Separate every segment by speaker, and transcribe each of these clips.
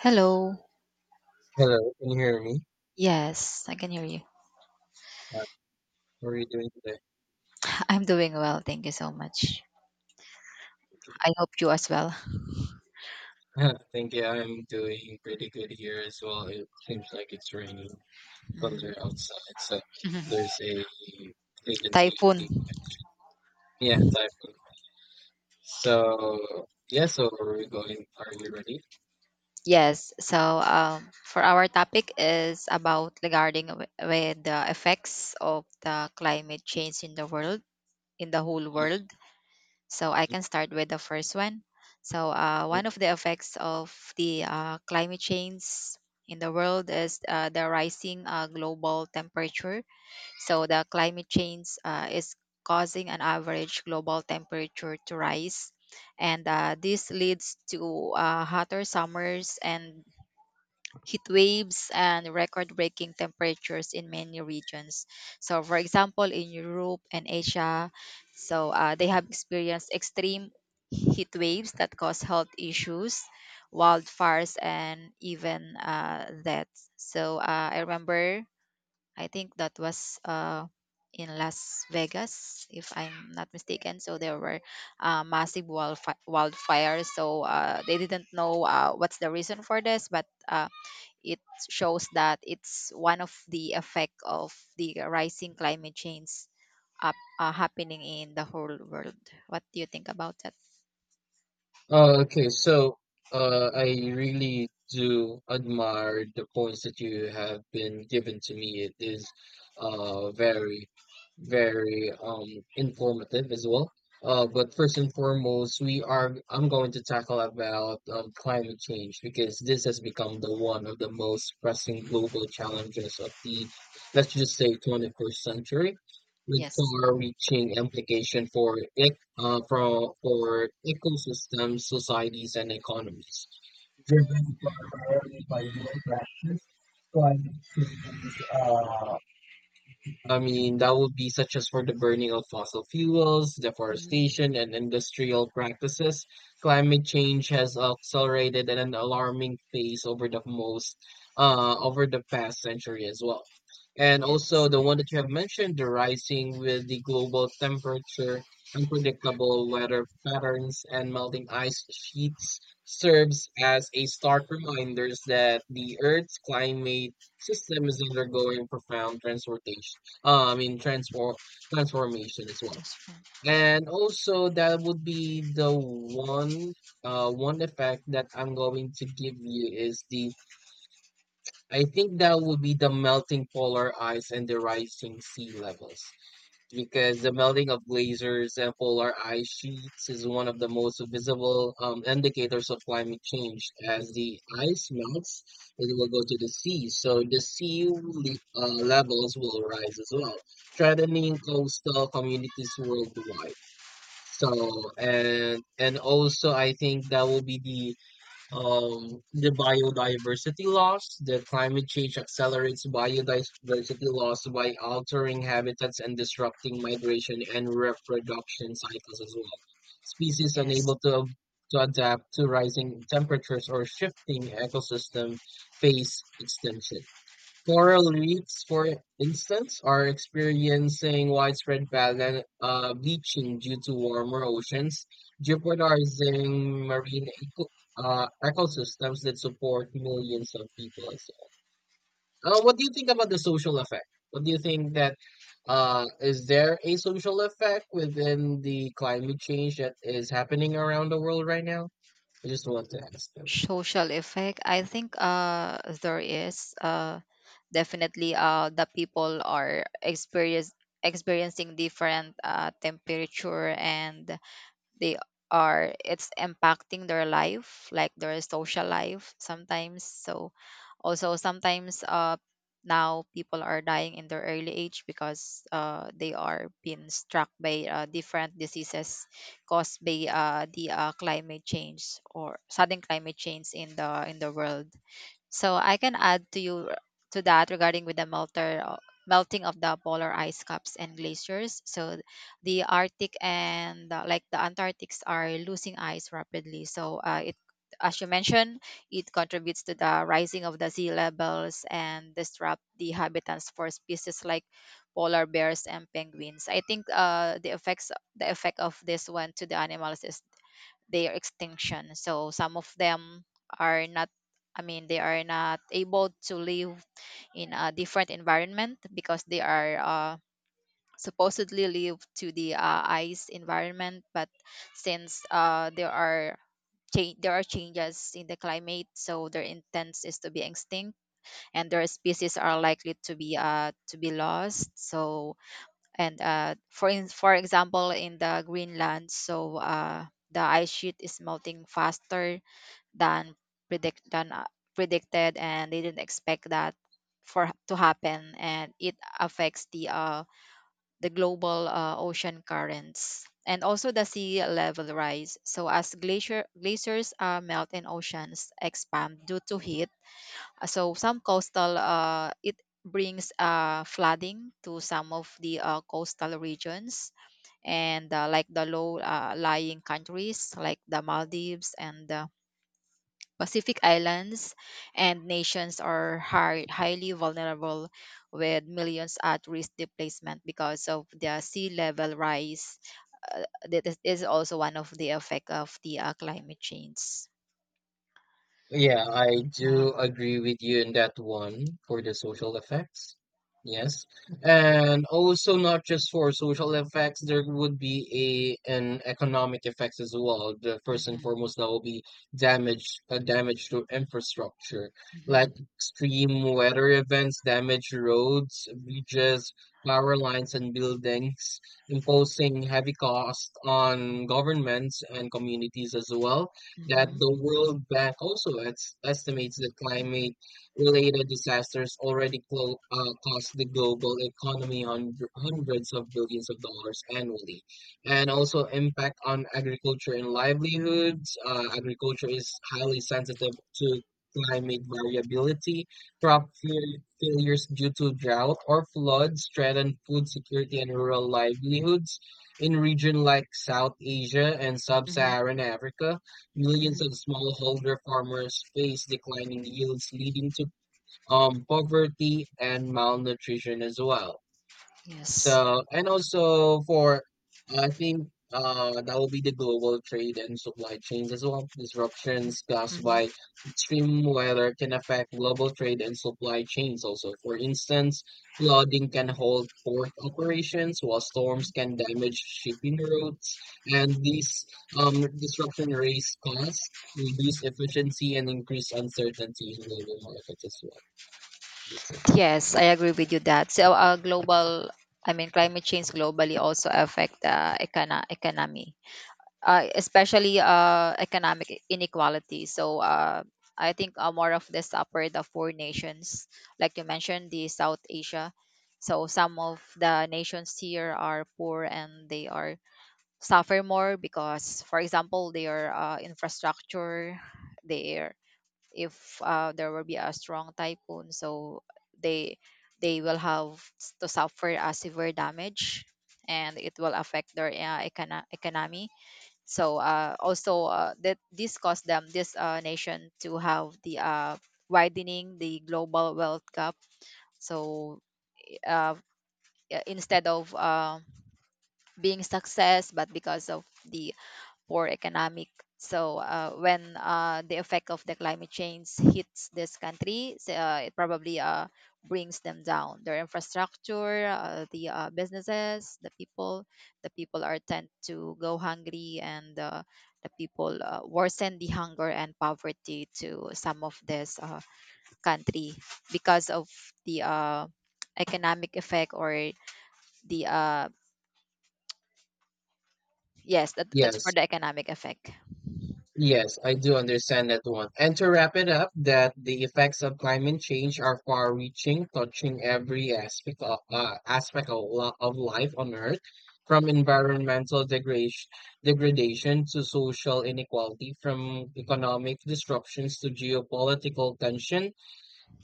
Speaker 1: Hello.
Speaker 2: Hello, can you hear me?
Speaker 1: Yes, I can hear you.
Speaker 2: Uh, How are you doing today?
Speaker 1: I'm doing well. Thank you so much.
Speaker 2: Okay.
Speaker 1: I hope you as well.
Speaker 2: Thank you. I'm doing pretty good here as well. It seems like it's raining thunder outside, so there's a vacancy.
Speaker 1: Typhoon.
Speaker 2: Yeah, type. So yeah, so are we going? Are you ready?
Speaker 1: Yes. For our topic is about regarding with the effects of the climate change in the world, in the whole world. So I can start with the first one.
Speaker 2: Mhm.
Speaker 1: One of the effects of the climate change in the world is the rising global temperature. So the climate change is causing an average global temperature to rise, and this leads to hotter summers and heat waves and record-breaking temperatures in many regions. So, for example, in Europe and Asia, so they have experienced extreme heat waves that cause health issues, wildfires, and even deaths. I remember I think that was in Las Vegas, if I'm not mistaken. So there were massive wildfires. So they didn't know what's the reason for this, but it shows that it's one of the effect of the rising climate change up, happening in the whole world. What do you think about that?
Speaker 2: Uh, okay, so I really do admire the points that you have been given to me. It is very, very, informative as well. But first and foremost, we are I'm going to tackle about climate change because this has become the one of the most pressing global challenges of the, let's just say, 21st century, with
Speaker 1: Yes.
Speaker 2: far-reaching implication for ecosystems, societies, and economies, driven primarily by human practice. Climate change, that would be such as for the burning of fossil fuels,
Speaker 1: Mhm.
Speaker 2: deforestation, and industrial practices. Climate change has accelerated at an alarming pace over over the past century as well. And also
Speaker 1: Yes.
Speaker 2: the one that you have mentioned, the rising with the global temperature, unpredictable weather patterns, and melting ice sheets serves as a stark reminders that the Earth's climate system is undergoing profound transformation, I mean, transformation as well.
Speaker 1: Transform.
Speaker 2: And also that would be the one effect that I'm going to give you is the I think that would be the melting polar ice and the rising sea levels. Because the melting of glaciers and polar ice sheets is one of the most visible indicators of climate change. As the ice melts, it will go to the sea, so the levels will rise as well, threatening coastal communities worldwide. So, and also, I think that will be the biodiversity loss. The climate change accelerates biodiversity loss by altering habitats and disrupting migration and reproduction cycles as well. Species
Speaker 1: Yes.
Speaker 2: unable to ab- To adapt to rising temperatures or shifting ecosystem face extinction. Coral reefs, for instance, are experiencing widespread bleaching due to warmer oceans, jeopardizing marine ecosystems that support millions of people as well. What do you think about the social effect? What do you think that, is there a social effect within the climate change that is happening around the world right now? I just want to ask.
Speaker 1: Social effect, I think there is definitely the people are experience experiencing different temperature, and they are, it's impacting their life, like their social life sometimes. So also sometimes now people are dying in their early age because they are being struck by different diseases caused by the climate change or sudden climate change in the world. So I can add to you to that regarding with the melter melting of the polar ice caps and glaciers. So the Arctic and like the Antarctics are losing ice rapidly. So it, as you mentioned, it contributes to the rising of the sea levels and disrupt the habitats for species like polar bears and penguins. I think the effect of this one to the animals is their extinction. So some of them are not, I mean they are not able to live in a different environment, because they are supposedly live to the ice environment. But since there are there are changes in the climate, so their intent is to be extinct and their species are likely to be lost. So and for example in the greenland, so the ice sheet is melting faster than predict than uh, predicted, and they didn't expect that for to happen, and it affects the global ocean currents and also the sea level rise. So as glaciers melt and oceans expand due to heat, so some coastal it brings flooding to some of the coastal regions and like the low lying countries like the Maldives and Pacific islands and nations are highly vulnerable, with millions at risk displacement because of the sea level rise. Uh, that is also one of the effect of the climate change.
Speaker 2: Yeah, I
Speaker 1: Yeah.
Speaker 2: do agree with you in that one for the social effects. Yes. And also not just for social effects, there would be a an economic effects as well. The first and
Speaker 1: Mhm.
Speaker 2: foremost that will be damage to infrastructure, like
Speaker 1: Mhm.
Speaker 2: extreme weather events, damage roads, bridges, power lines and buildings, imposing heavy cost on governments and communities as well, that
Speaker 1: Mhm.
Speaker 2: the World Bank also estimates that climate-related disasters already cost the global economy hundreds of billions of dollars annually, and also impact on agriculture and livelihoods. Agriculture is highly sensitive to climate variability. Crop failures due to drought or floods threaten food security and rural livelihoods in regions like South Asia and
Speaker 1: Mhm.
Speaker 2: Sub-Saharan Africa.
Speaker 1: Mhm.
Speaker 2: Millions of smallholder farmers face declining yields, leading to poverty and malnutrition as well.
Speaker 1: Yes.
Speaker 2: So, and also for, I think that will be the global trade and supply chains as well.
Speaker 1: Mhm.
Speaker 2: Disruptions caused
Speaker 1: Mhm.
Speaker 2: by extreme weather can affect global trade and supply chains also. For instance, flooding can halt port operations, while
Speaker 1: Mhm.
Speaker 2: storms can damage shipping routes. And these disruption raise costs, reduce efficiency, and increase uncertainty in global markets as well. That's it.
Speaker 1: Yes, I agree with you that. So, global, I mean, climate change globally also affect the economy. Especially economic inequality. So I think more of this upward of four nations, like you mentioned, the South Asia. So some of the nations here are poor and they are suffer more because, for example, their infrastructure, their, if there will be a strong typhoon, so they they will have to suffer a severe damage, and it will affect their economy. So also that this caused them, this nation, to have the widening the global wealth gap. So uh, instead of being success but because of the for economic. So when the effect of the climate change hits this country, so, it probably brings them down. Their infrastructure, the businesses, the people are tend to go hungry, and the people worsen the hunger and poverty to some of this country because of the economic effect or the yes, that's for
Speaker 2: Yes.
Speaker 1: the economic effect.
Speaker 2: Yes, I do understand that one. And to wrap it up, that the effects of climate change are far-reaching, touching every aspect of, of life on Earth, from environmental degradation to social inequality, from economic disruptions to geopolitical tension.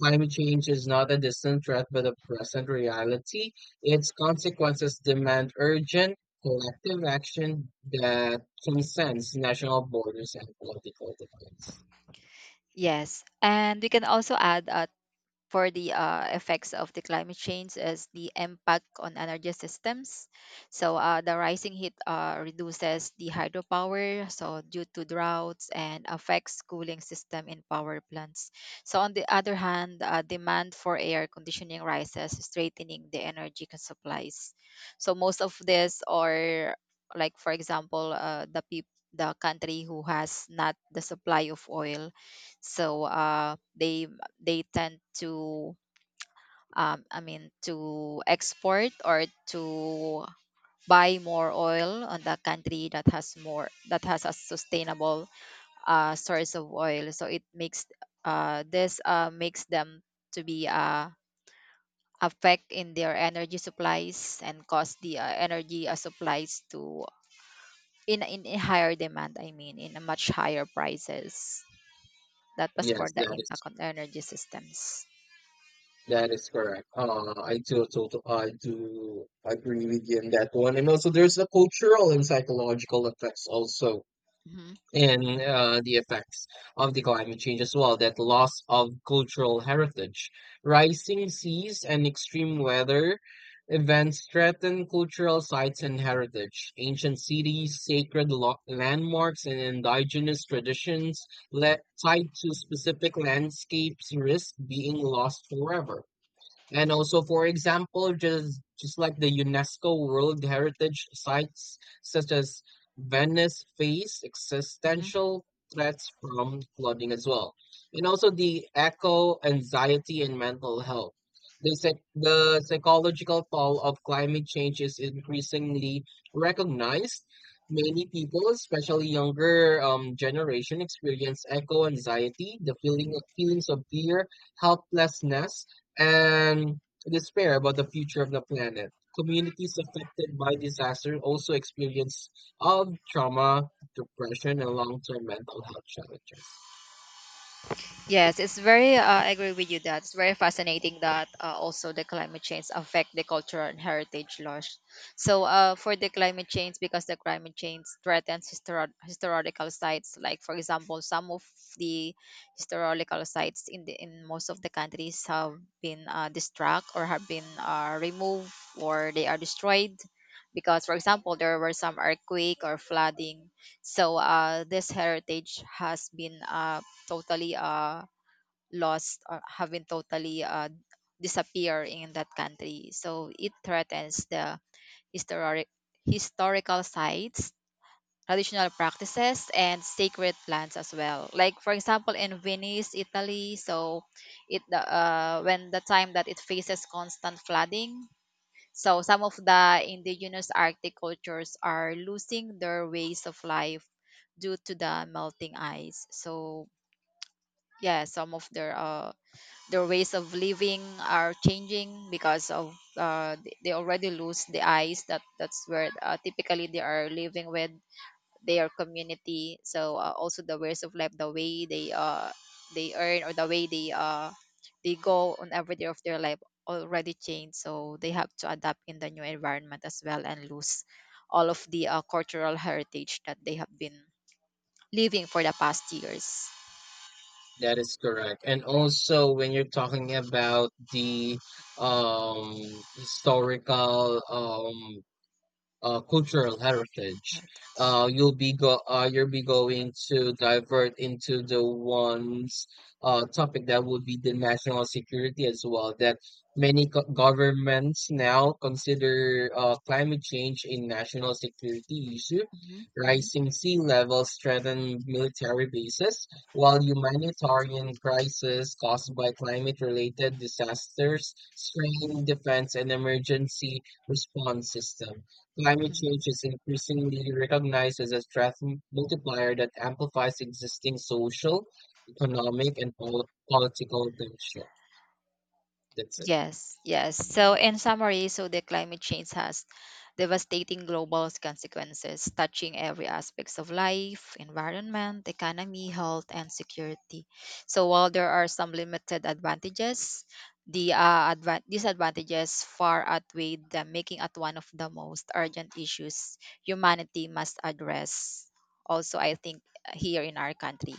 Speaker 2: Climate change is not a distant threat but a present reality. Its consequences demand urgent, collective action that transcends national borders and political divides.
Speaker 1: Yes. And we can also add for the effects of the climate change is the impact on energy systems. So the rising heat reduces the hydropower, so due to droughts and affects cooling system in power plants. So on the other hand, demand for air conditioning rises, straightening the supplies. So most of this are like for example the country who has not the supply of oil. So they tend to I mean to export or to buy more oil on the country that has more that has a sustainable source of oil. So it makes this makes them to be affect in their energy supplies and cause the energy supplies to in a higher demand. I mean in a much higher prices. That was for
Speaker 2: Yes,
Speaker 1: the impact on energy systems.
Speaker 2: that is correct. I do agree with you on that one. And also, there's the cultural and psychological effects also.
Speaker 1: Hmm.
Speaker 2: And the effects of the climate change as well, that loss of cultural heritage, rising seas and extreme weather events threaten cultural sites and heritage, ancient cities, sacred landmarks and indigenous traditions tied to specific landscapes risk being lost forever. And also, for example, just like the UNESCO World Heritage sites such as Venice face
Speaker 1: Hmm.
Speaker 2: existential threats from flooding as well. And also the echo anxiety and mental health. The psychological toll of climate change is increasingly recognized. Many people, especially younger generation, experience eco anxiety, the feelings of
Speaker 1: Hmm.
Speaker 2: fear, helplessness, and despair about the future of the planet. Communities affected by disaster also experience of trauma, depression, and long-term mental health challenges.
Speaker 1: Yes, it's very. I agree with you that it's very fascinating that also the climate change affect the cultural and heritage loss. So, for the climate change, because the climate change threatens historical sites, like for example, some of the historical sites in the in most of the countries have been destruct or have been removed or they are destroyed. Because, for example, there were some earthquake or flooding, so this heritage has been totally lost or having totally disappear in that country. So it threatens the historic historical sites, traditional practices, and sacred plants as well. Like for example, in Venice, Italy, so it the, when the time that it faces constant flooding. So some of the indigenous Arctic cultures are losing their ways of life due to the melting ice. So yeah, some of their ways of living are changing because of they already lose the eyes that that's where typically they are living with their community. So also the ways of life, the way they earn or the way they go on every day of their life already changed. So they have to adapt in the new environment as well and lose all of the cultural heritage that they have been living for the past years.
Speaker 2: That is correct. And also, when you're talking about the historical cultural heritage. You'll be going to divert into the ones, topic that would be the national security as well. That many governments now consider climate change a national security issue.
Speaker 1: Mhm, mhm.
Speaker 2: Rising sea levels threaten military bases, while humanitarian crises caused by climate-related disasters strain defense and emergency response system. Climate change is increasingly recognized as a stress multiplier that amplifies existing social, economic, and political tension. That's it.
Speaker 1: Yes, yes. So, in summary, so the climate change has devastating global consequences, touching every aspects of life, environment, economy, health, and security. So, while there are some limited advantages, the advan disadvantages far outweigh them, making it one of the most urgent issues humanity must address. Also, I think here in our country.